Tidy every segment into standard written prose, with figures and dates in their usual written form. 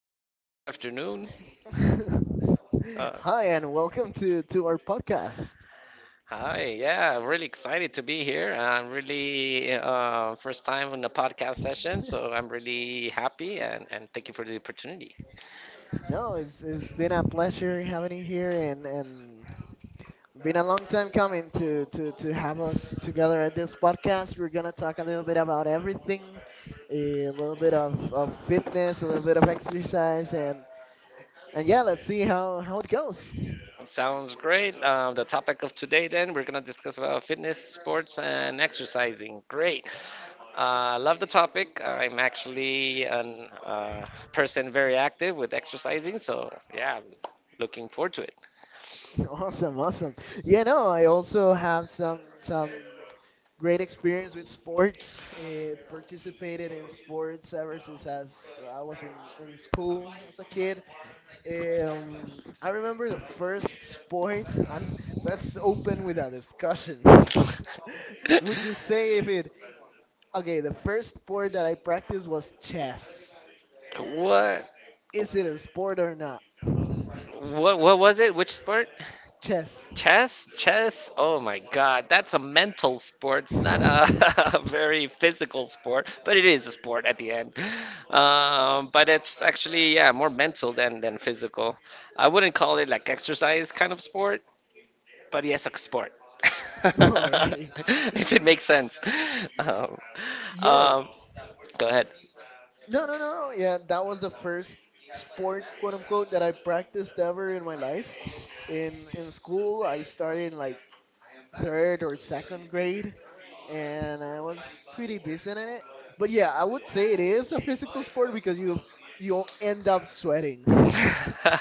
Hello and good afternoon. Hi, and welcome to our podcast. Hi, yeah, I'm really excited to be here. I'm really first time on the podcast session, so I'm really happy and thank you for the opportunity. Sounds great. The topic of today, then, we're gonna discuss about fitness, sports, and exercising. Great. Love the topic. I'm actually an person very active with exercising, so yeah, I'm looking forward to it. Same here. What? What? What was it? Which sport? Chess? Chess? Oh my God, that's a mental sport. It's not a, a very physical sport, but it is a sport at the end. But it's actually yeah more mental than physical. I wouldn't call it like exercise kind of sport, but yes, a sport. If it makes sense. Um, um, Go ahead.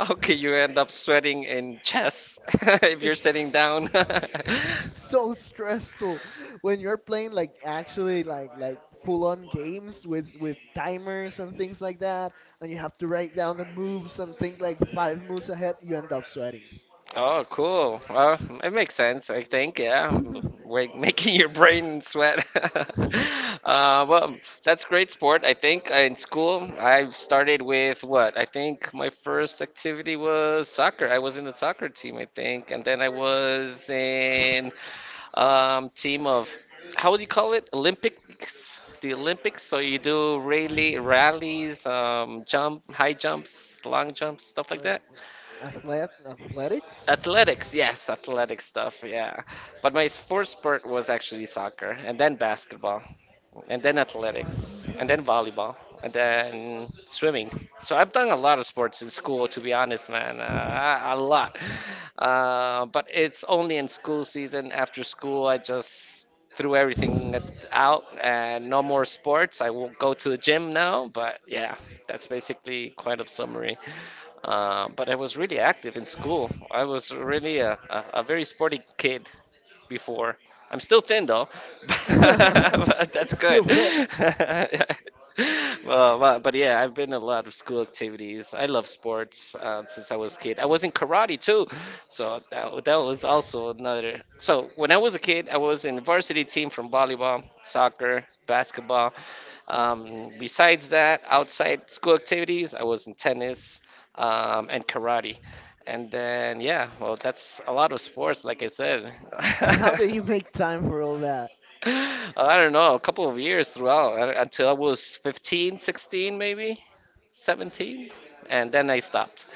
How could you end up sweating in chess if you're sitting down? Oh, cool. Well, it makes sense, I think. Yeah, making your brain sweat. Uh, well, that's great sport, I think. In school, I've started with what? I think my first activity was soccer. I was in the soccer team, I think, and then I was in team of how would you call it? Olympics, the Olympics. So you do rally rallies, jump, high jumps, long jumps, stuff like that. Athletics, yes, athletic stuff, yeah. But my first sport was actually soccer, and then basketball and then athletics, and then volleyball, and then swimming. So I've done a lot of sports in school, to be honest, man, a lot. But it's only in school season. After school, I just threw everything out and no more sports. I won't go to the gym now, but yeah, that's basically quite a summary. But I was really active in school. I was really a very sporty kid before. I'm still thin though, but that's good. Well, but yeah, I've been in a lot of school activities. I love sports since I was a kid. I was in karate too, so that was also another. So when I was a kid, I was in varsity team from volleyball, soccer, basketball, besides that, outside school activities, I was in tennis and karate. And then, yeah, well, that's a lot of sports, like I said. I don't know, a couple of years throughout until I was 15, 16, maybe 17. And then I stopped.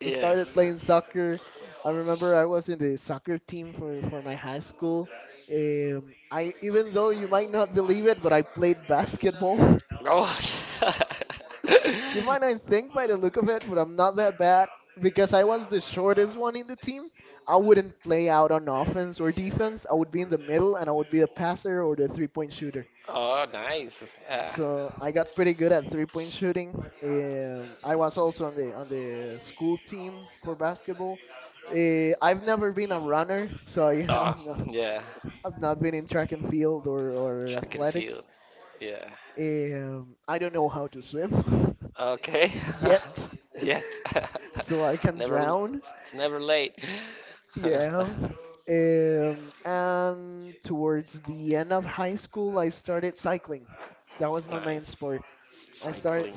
Yeah. Oh. Oh, nice. Yeah. Oh, yeah. Track and field. Yeah. Okay. Yet. Never. It's never late. Nice. Cycling.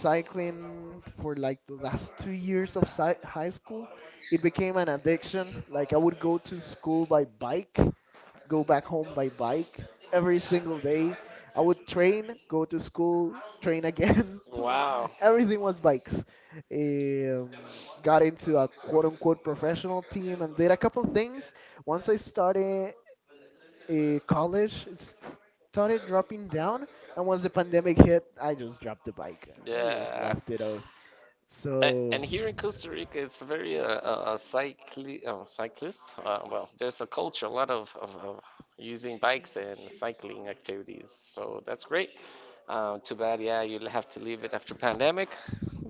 Wow. Yeah. A- And here in Costa Rica, it's very cyclist. Well, there's a culture, a lot of using bikes and cycling activities. So that's great. Too bad, yeah, you'll have to leave it after pandemic,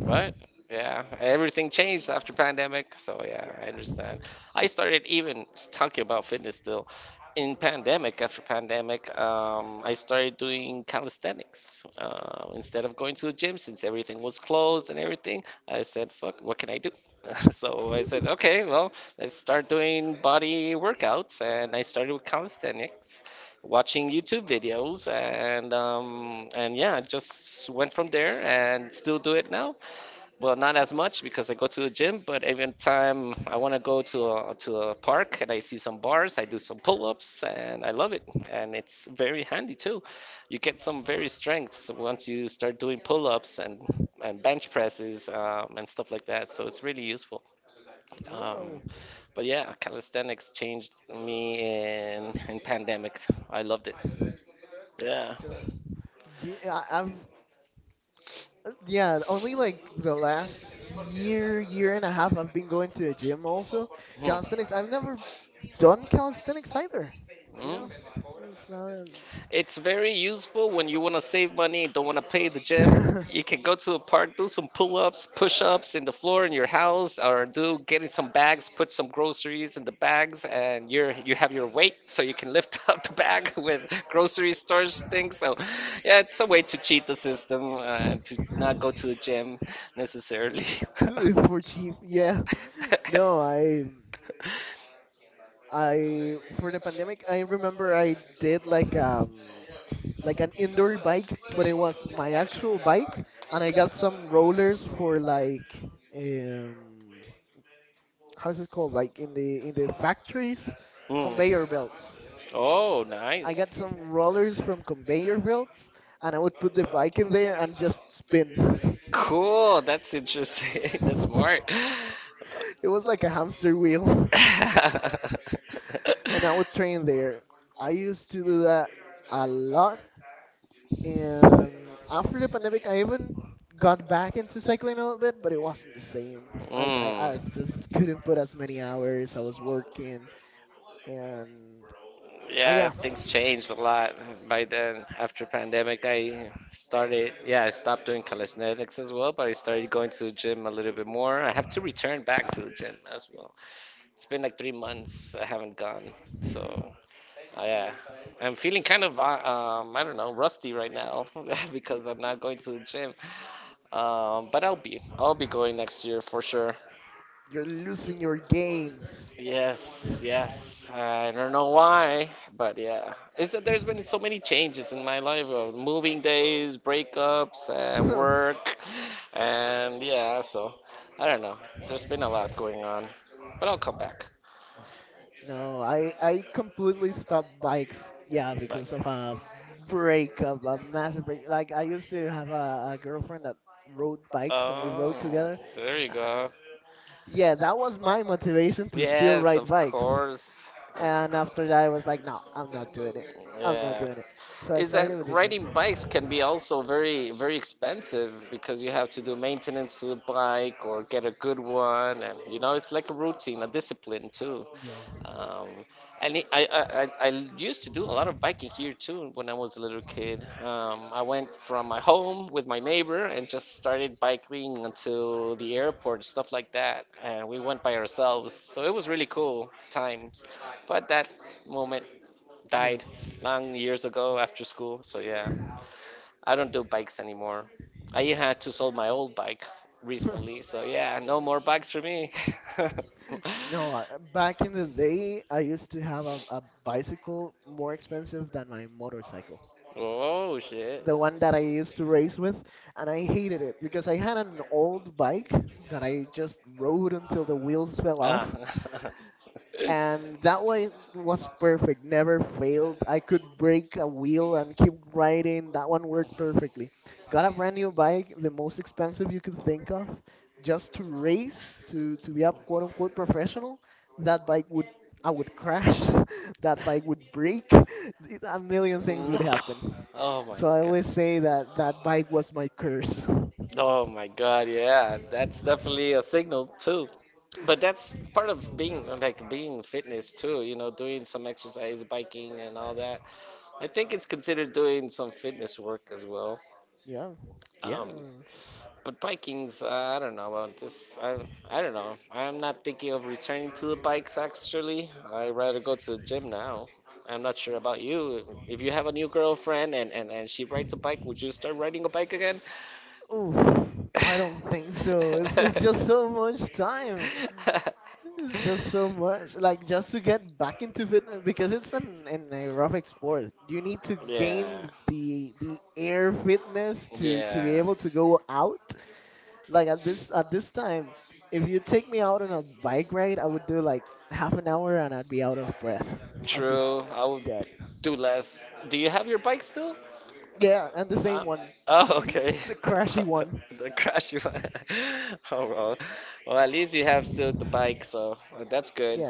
but yeah, everything changed after pandemic, so yeah, I understand. I started even talking about fitness still in pandemic. After pandemic, I started doing calisthenics instead of going to the gym since everything was closed and everything. I said, "Fuck, what can I do?" So I said, "Okay, well, let's start doing body workouts," and I started with calisthenics watching YouTube videos and yeah, I just went from there and still do it now. Well, not as much because I go to the gym, but every time I want to go to to a park and I see some bars, I do some pull-ups and I love it. And it's very handy too. You get some very strengths once you start doing pull-ups and bench presses and stuff like that. So it's really useful. Um, but yeah, calisthenics changed me in pandemic. I loved it. Yeah. Mhm. Mm. It's very useful when you want to save money and don't want to pay the gym. You can go to a park, do some pull-ups, push-ups in the floor in your house, or do getting some bags, put some groceries in the bags, and you have your weight, so you can lift up the bag with grocery stores things. So, yeah, it's a way to cheat the system to not go to the gym necessarily. Oh, nice. Cool. That's interesting. That's smart. Mm. Yeah, things changed a lot by then. After pandemic, I started, yeah, I stopped doing calisthenics as well, but I started going to the gym a little bit more. I have to return back to the gym as well. It's been like 3 months I haven't gone, so I, yeah. I'm feeling kind of, I don't know, rusty right now because I'm not going to the gym. But I'll be going next year for sure. Yes, yes. I don't know why, but yeah. It's that there's been so many changes in my life, moving days, breakups, and work, and yeah. So I don't know. There's been a lot going on, but I'll come back. Bye. Oh, there you go. Yes, of course. Of Yeah. Is that riding bikes can be also very, very expensive because you have to do maintenance to the bike or get a good one. And, you know, it's like a routine, a discipline too. Um, I used to do a lot of biking here too when I was a little kid. I went from my home with my neighbor and just started biking until the airport, stuff like that. And we went by ourselves, so it was really cool times. But that moment died long years ago after school. So yeah, I don't do bikes anymore. I had to sold my old bike recently, so yeah, no more bikes for me. Oh shit. Ah. No. Oh my god. Oh my god, yeah. That's definitely a signal too. But that's part of being like being fitness too, you know, doing some exercise, biking and all that. I think it's considered doing some fitness work as well. Um, but biking's, I don't know about this. I don't know. I'm not thinking of returning to the bikes actually. I'd rather go to the gym now. I'm not sure about you. If you have a new girlfriend and she rides a bike, would you start riding a bike again? Yeah, yeah. True, I would do less. Do you have your bike still? Uh, oh, okay. The crash you Oh, well. Well, at least you have still the bike, so that's good.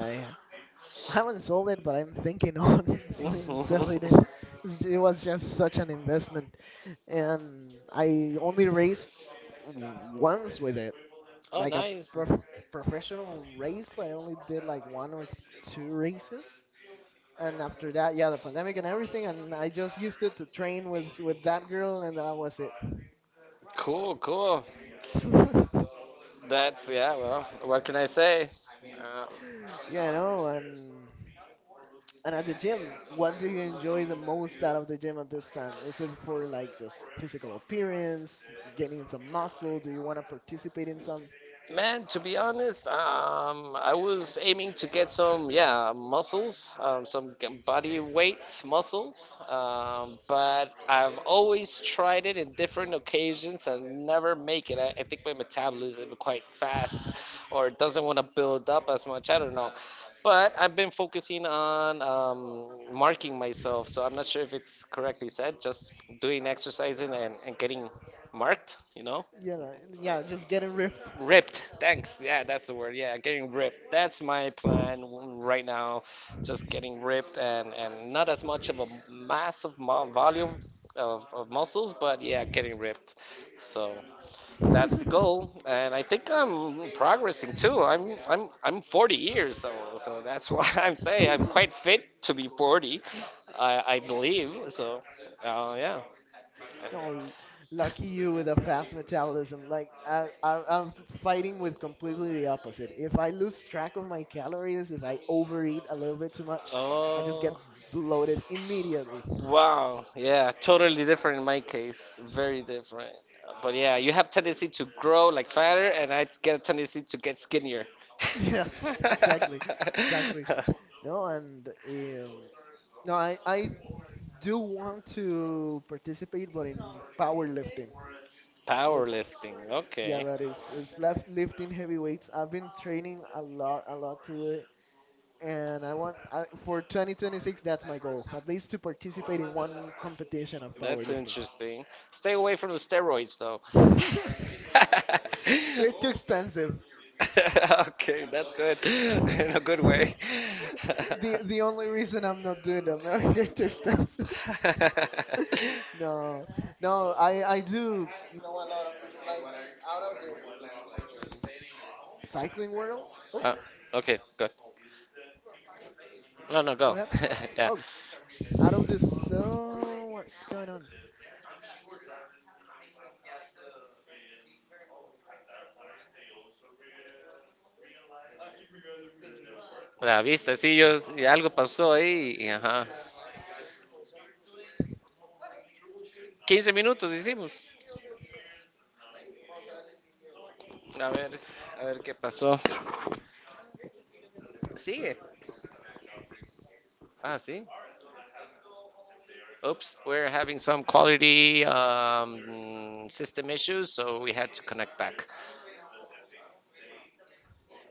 Oh, nice. Cool, cool. That's, yeah, well, what can I say? Uh, Man, to be honest, I was aiming to get some, yeah, muscles, body weight muscles, but I've always tried it in different occasions and never make it. I think my metabolism is quite fast or doesn't want to build up as much. I don't know. But I've been focusing on marking myself, so I'm not sure if it's correctly said, just doing exercising and getting marked, you know? Ripped. Thanks. Yeah, that's the word. Yeah, getting ripped. That's my plan right now. Just getting ripped and not as much of a volume of muscles, but yeah, getting ripped. So that's the goal, and I think I'm progressing too. I'm 40 years, so that's why I'm saying I'm quite fit to be 40. I believe so. Yeah. Oh, wow. Yeah, totally different in my case. Very different. But yeah, you have tendency to grow like fatter, and I get a tendency to get skinnier. Powerlifting. Okay. That's interesting. Stay away from the steroids, though. Okay, that's good. In a good way. Ah, okay, good. No, no, go. Ya, la vista, sí, yo, sí, algo pasó ahí y, ajá. Quince minutos hicimos. A ver, a ver qué pasó. Sigue. Ah, sí. Oops, we're having some quality system issues, so we had to connect back.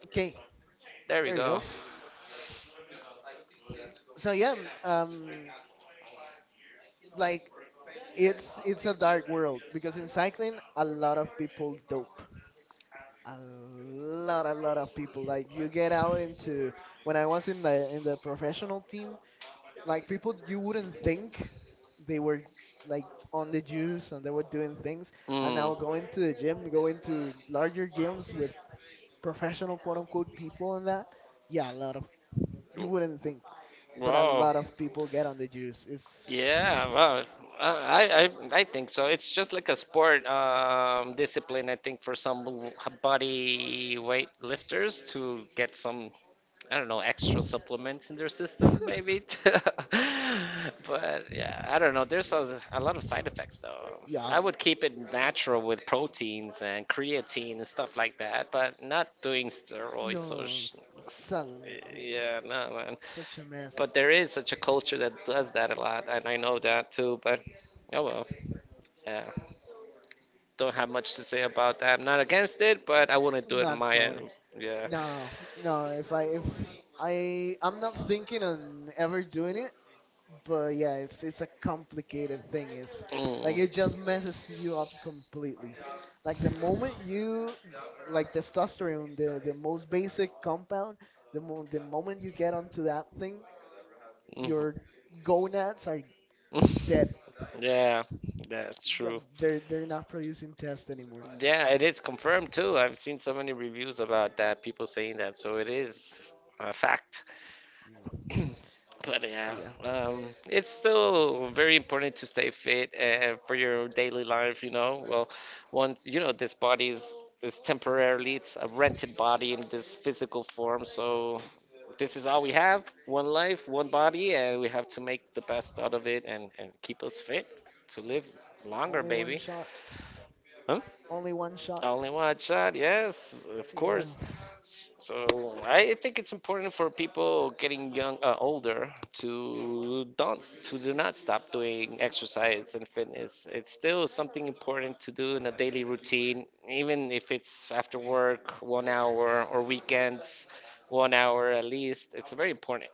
Okay, There we there you go. go. So yeah, m- um, like it's a dark world because in cycling a lot of people dope. A lot of people. Like you get out into when I was in the professional team, like people you wouldn't think they were like on the juice and they were doing things, and Mm. now going to the gym, going to larger gyms with professional quote unquote people and that. Yeah, a lot of you wouldn't think. But a Wow. lot of people get on the juice. It's Yeah, well, I think so. It's just like a sport discipline, I think, for some body weight lifters to get some I don't know, extra supplements in their system, maybe. But yeah, I don't know. There's a yes, lot of side effects, though. yeah, I would keep it natural with proteins and creatine and stuff like that, but not doing steroids or no, s- s- son, yeah, no, man. such a mess. But there is such a culture that does that a lot, and I know that too, but oh well. Yeah, don't have much to say about that. I'm not against it, but I wouldn't do it on Not my proud. end. Yeah. No, no. If I'm not thinking on ever doing it, but yeah, it's a complicated thing. It's like it Mm. just messes you up completely. Like the moment you like testosterone, the most basic compound, the moment you get onto that thing, Mhm. your gonads are dead. Yeah, that's Yeah, true. they're not producing test anymore. Yeah, it is confirmed too. I've seen so many reviews about that, people saying that, so it is a fact. Yeah. But But yeah, yeah, it's still very important to stay fit for your daily life, Well, once you know this body is temporarily it's a rented body in this physical form, so this is all we have. One life, one body, and we have to make the best out of it and keep us fit to live longer, only one baby. shot. Huh? Only one shot. Only one shot, yes, of Yeah. course. So I think it's important for people getting young, older, to do not stop doing exercise and fitness. It's still something important to do in a daily routine, even if it's after work, 1 hour, or weekends, 1 hour at least. It's very important.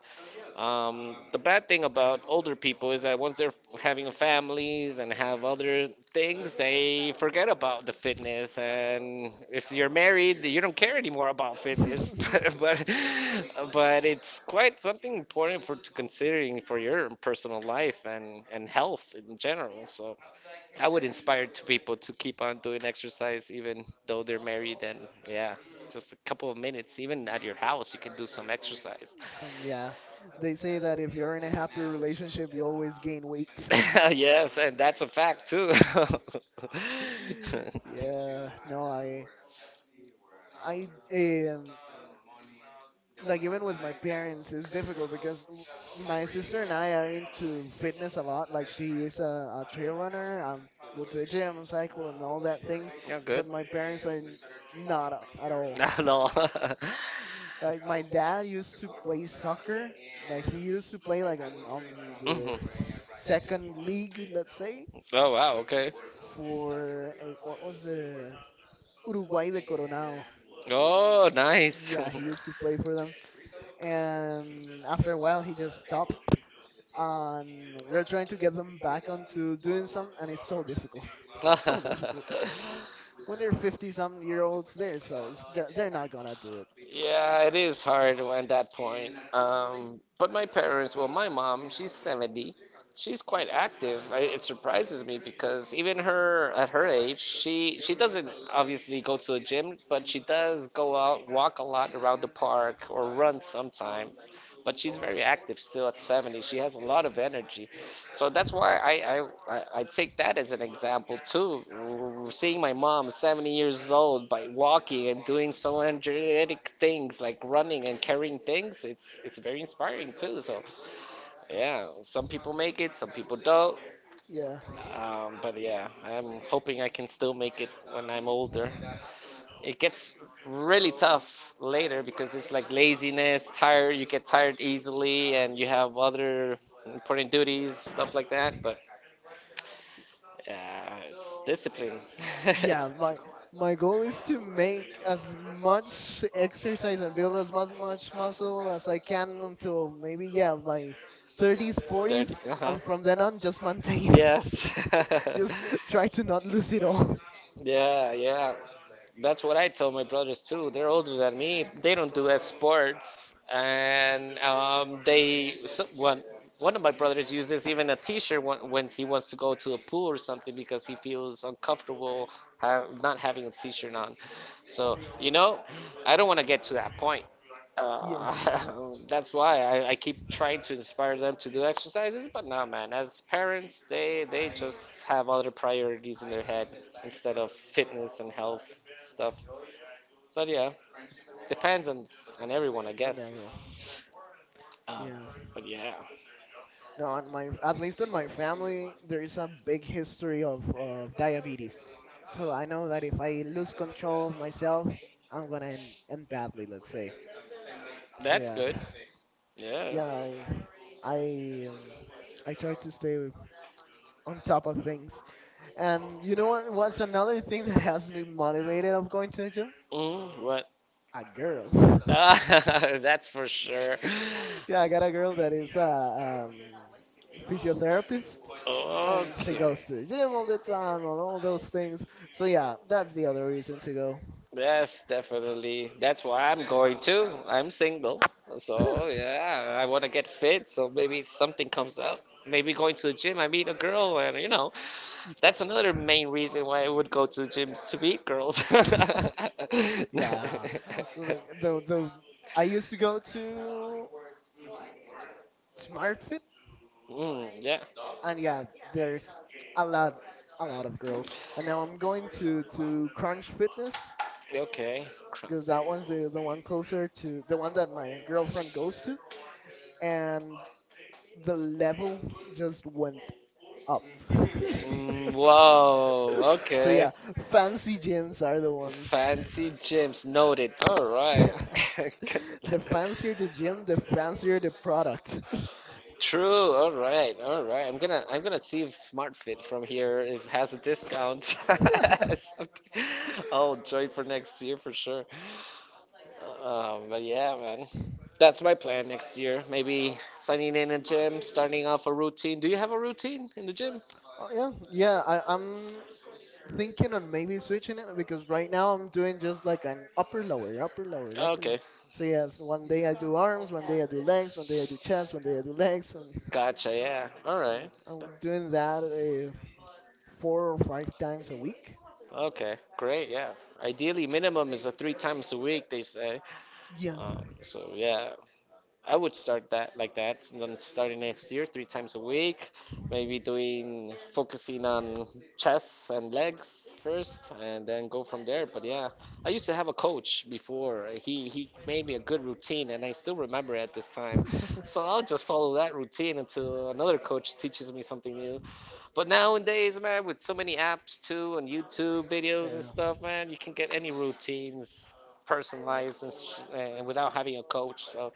The bad thing about older people is that once they're having families and have other things, they forget about the fitness. And if you're married, you don't care anymore about fitness. But but but it's quite something important for to considering for your personal life and health in general. So I would inspire to people to keep on doing exercise even though they're married. And yeah, just a couple of minutes, even at your house, you can do some exercise. Some, yeah. They say that if you're in a happy relationship, you always gain weight. Yes, and that's a fact too. Yeah. No, I um like Even with my parents it's difficult my sister and I are into fitness a lot. Like she is a trail runner, go to the gym and cycle and all that thing. Yeah, good. But my parents are n- not at all. No. Like my dad used to play soccer. Like he used to play like on the Mhm. second league, let's say, Oh wow, okay. for what was the Uruguay de Coronado. Oh, nice. Yeah, he used to play for them and after a while he just stopped, and we're trying to get them back onto doing some, and it's so difficult, so difficult. When they're 50 some year olds, they're they they're not gonna do it. Yeah, it is hard at that point. But my parents, well, my mom, she's 70. She's quite active. It surprises me because even her at her age, she doesn't obviously go to the gym, but she does go out, walk a lot around the park or run sometimes. But she's very active still at 70. She has a lot of energy. So that's why I take that as an example too. W- Seeing my mom, 70 years old, by walking and doing so energetic things like running and carrying things, it's very inspiring too. So yeah, some people make it, some people don't. Yeah, But yeah, I'm hoping I can still make it when I'm older. It gets really tough later because it's like laziness, tired. You get tired easily, and you have other important duties, stuff like that. But yeah, it's discipline. yeah. My goal is to make as much exercise and build as much muscle as I can until maybe yeah my 30s, 30. 40s, Uh-huh. and from then on just maintain, Yes. just try to not lose it all. Yeah, yeah, that's what I tell my brothers too. They're older than me. They don't do sports, and they so, one of my brothers uses even a T-shirt when he wants to go to a pool or something because he feels uncomfortable ha not having a T-shirt on. So you know, I don't want to get to that point. Yeah, Uh, that's why I keep trying to inspire them to do exercises, but no, man. As parents, they just have other priorities in their head instead of fitness and health stuff. But yeah, depends on everyone, I on guess. everyone. Um, Yeah. but yeah, No, on my, at least in my family, there is a big history of diabetes. So I know that if I lose control of myself, I'm gonna end badly. Let's say. So that's yeah. good. Yeah. Yeah, I, um, I try to stay on top of things. And you know what? What's another thing that has me motivated of going to the gym? Mm, what? A girl. Ah, that's for sure. Yeah, I got a girl that is a physiotherapist, and she Okay. goes to the gym all the time and all those things. So yeah, that's the other reason to go. Yes, definitely. That's why I'm going too. I'm single. So yeah, I want to get fit. So maybe something comes up. Maybe going to the gym, I meet a girl, and you know, You can. that's another main reason why I would go to gyms to meet girls. Yeah. Look, the I used to go to SmartFit, Mm, yeah. and yeah, there's a lot, a lot of girls. And now I'm going to Crunch Fitness Okay. because Crabs. that one's the one closer to the one that my girlfriend goes to, and the level just went up. Mm, wow. So Okay. yeah, fancy gyms are the ones. Fancy gems noted. All right. The fancier the gym, the fancier the product. True. All right. All right. I'm gonna see if Smart Fit from here if has a discount. Something- I'll join for next year for sure. But yeah, man. That's my plan next year. Maybe signing in a gym, starting off a routine. Do you have a routine in the gym? Oh yeah, yeah. I'm thinking on maybe switching it because right now I'm doing just like an upper lower, upper lower, upper lower. Okay. So yes, one day I do arms, one day I do legs, one day I do chest, one day I do legs, and Gotcha. Yeah. All I'm right. I'm doing that four or five times a week. Okay. Great. Yeah. Ideally, minimum is a three times a week, they say. Yeah. Um, so, yeah. I would start that like that, and then starting next year, three times a week, maybe doing focusing on chest and legs first, and then go from there. But yeah, I used to have a coach before. He made me a good routine, and I still remember at this time. So I'll just follow that routine until another coach teaches me something new. But nowadays, man, with so many apps too, and YouTube videos and Yeah. stuff, man, you can get any routines personalized and, sh- and without having a coach. So.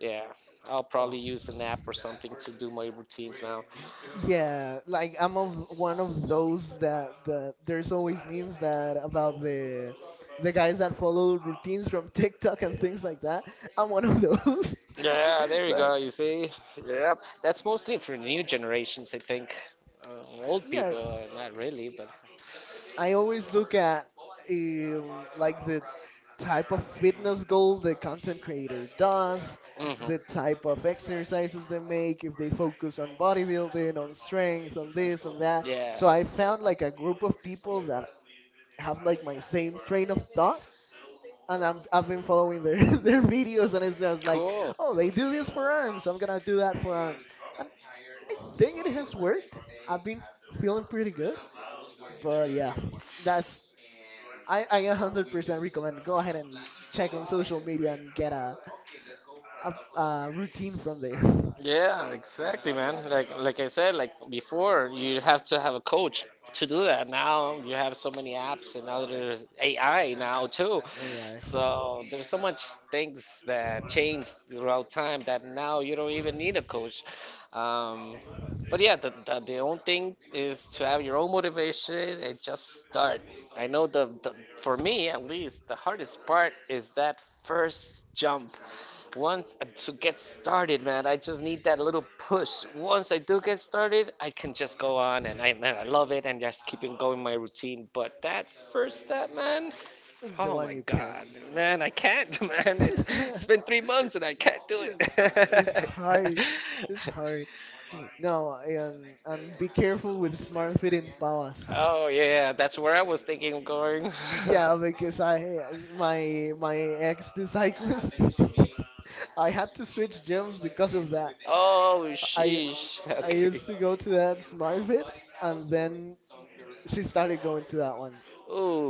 Yeah, I'll Oh. probably use an app or something to do my routines now. Yeah, like I'm of one of those that there's always memes that about the guys that follow routines from TikTok and things like that. I'm one of those. Yeah, there you Like go, you see? Yep. That's mostly for new generations, I think. Old yeah, people, not really, but. I always look at like the type of fitness goal the content creator does, Hmm. the type of exercises they make, if they focus on bodybuilding, on strength, on this, on that. Yeah. So I found like a group of people that have like my same train of thought. I've been following their, their videos, and it's just like, Cool. oh, they do this for arms. I'm gonna do that for arms. And I think it has worked. I've been feeling pretty good. But yeah, that's I 100% recommend go ahead and check on social media and get a, a routine from there. Yeah, exactly, man. Like I said, like before, you have to have a coach to do that. Now you have so many apps and now there's AI now too. AI So there's so much things that change throughout time that now you don't even need a coach. Um, but yeah, the only thing is to have your own motivation and just start. I know the for me at least the hardest part is that first jump once I- to get started, man, I just need that little push. Once I do get started, I can just go on and I love it and just keep on going my routine. But that first step, man, is the oh one my you can't. God, man, I can't, man. It's Yes, it's been 3 months and I can't do it's it. hard. It's hard. No, and be careful with smart fitting pawas. Oh yeah, that's where I was thinking of going. Yeah, because I my my ex the cyclist. I had to switch gyms because of that. Oh I sheesh. I Okay. used to go to that Smart Fit, and then she started going to that.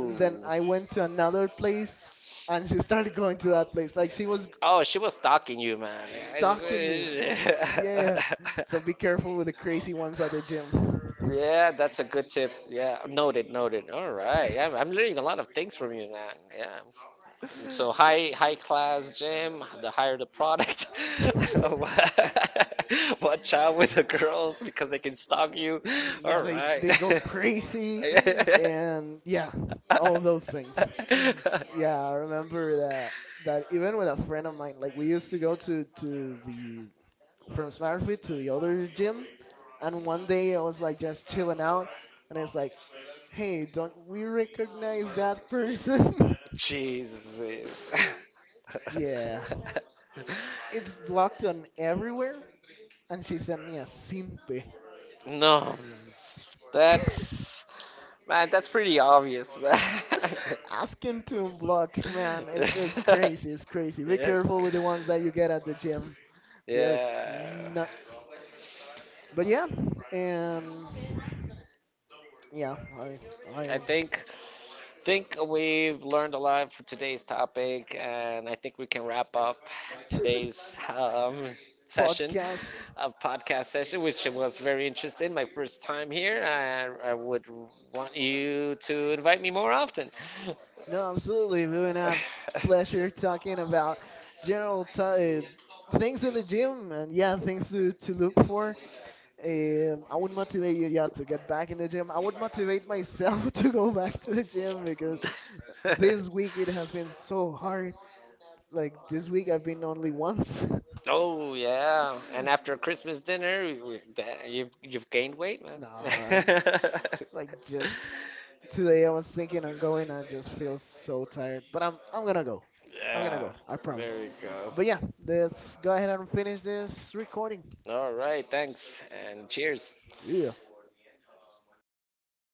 And then I went to another place and she started going to that place. Oh, she was stalking you, man. Stalking me. Yeah. So be careful with the crazy ones at the gym. Yeah, that's a good tip. Yeah, noted, noted. All right. I'm learning a lot of things from you, man. Yeah. So high Yeah. high class gym, the higher the product. Watch out with the girls because they can stalk you. Yeah, All right. they go crazy and yeah, all those things. Yeah, I remember that even with a friend of mine, like we used to go to the from Smartfit to the other gym, and one day I was like just chilling out, and it's like, hey, don't we recognize that person? Jesus. Yeah, it's blocked on everywhere, and she sent me a simpe. No, that's man, that's pretty obvious, man. Ask him to unblock, man. It's crazy. It's crazy. Be yeah, careful with the ones that you get at the gym. They are yeah. nuts. But yeah, and yeah, I I think think we've learned a lot for today's topic, and I think we can wrap up today's session Podcast. of podcast session, which was very interesting. My first time here, I would want you to invite me more often. No, absolutely. We've been a pleasure talking about general t- uh, things in the gym and yeah, things to look for. I would motivate you yeah to get back in the gym. I would motivate myself to go back to the gym because this week it has been so hard. Like this week I've been only once. Oh yeah, and after Christmas dinner, you've gained weight, man. Nah, like just today I was thinking on going. I just feel so tired, but I'm gonna go. I'm gonna Yeah, go. I promise. there you go. But yeah, let's go ahead and finish this recording. All right, thanks and cheers. Yeah.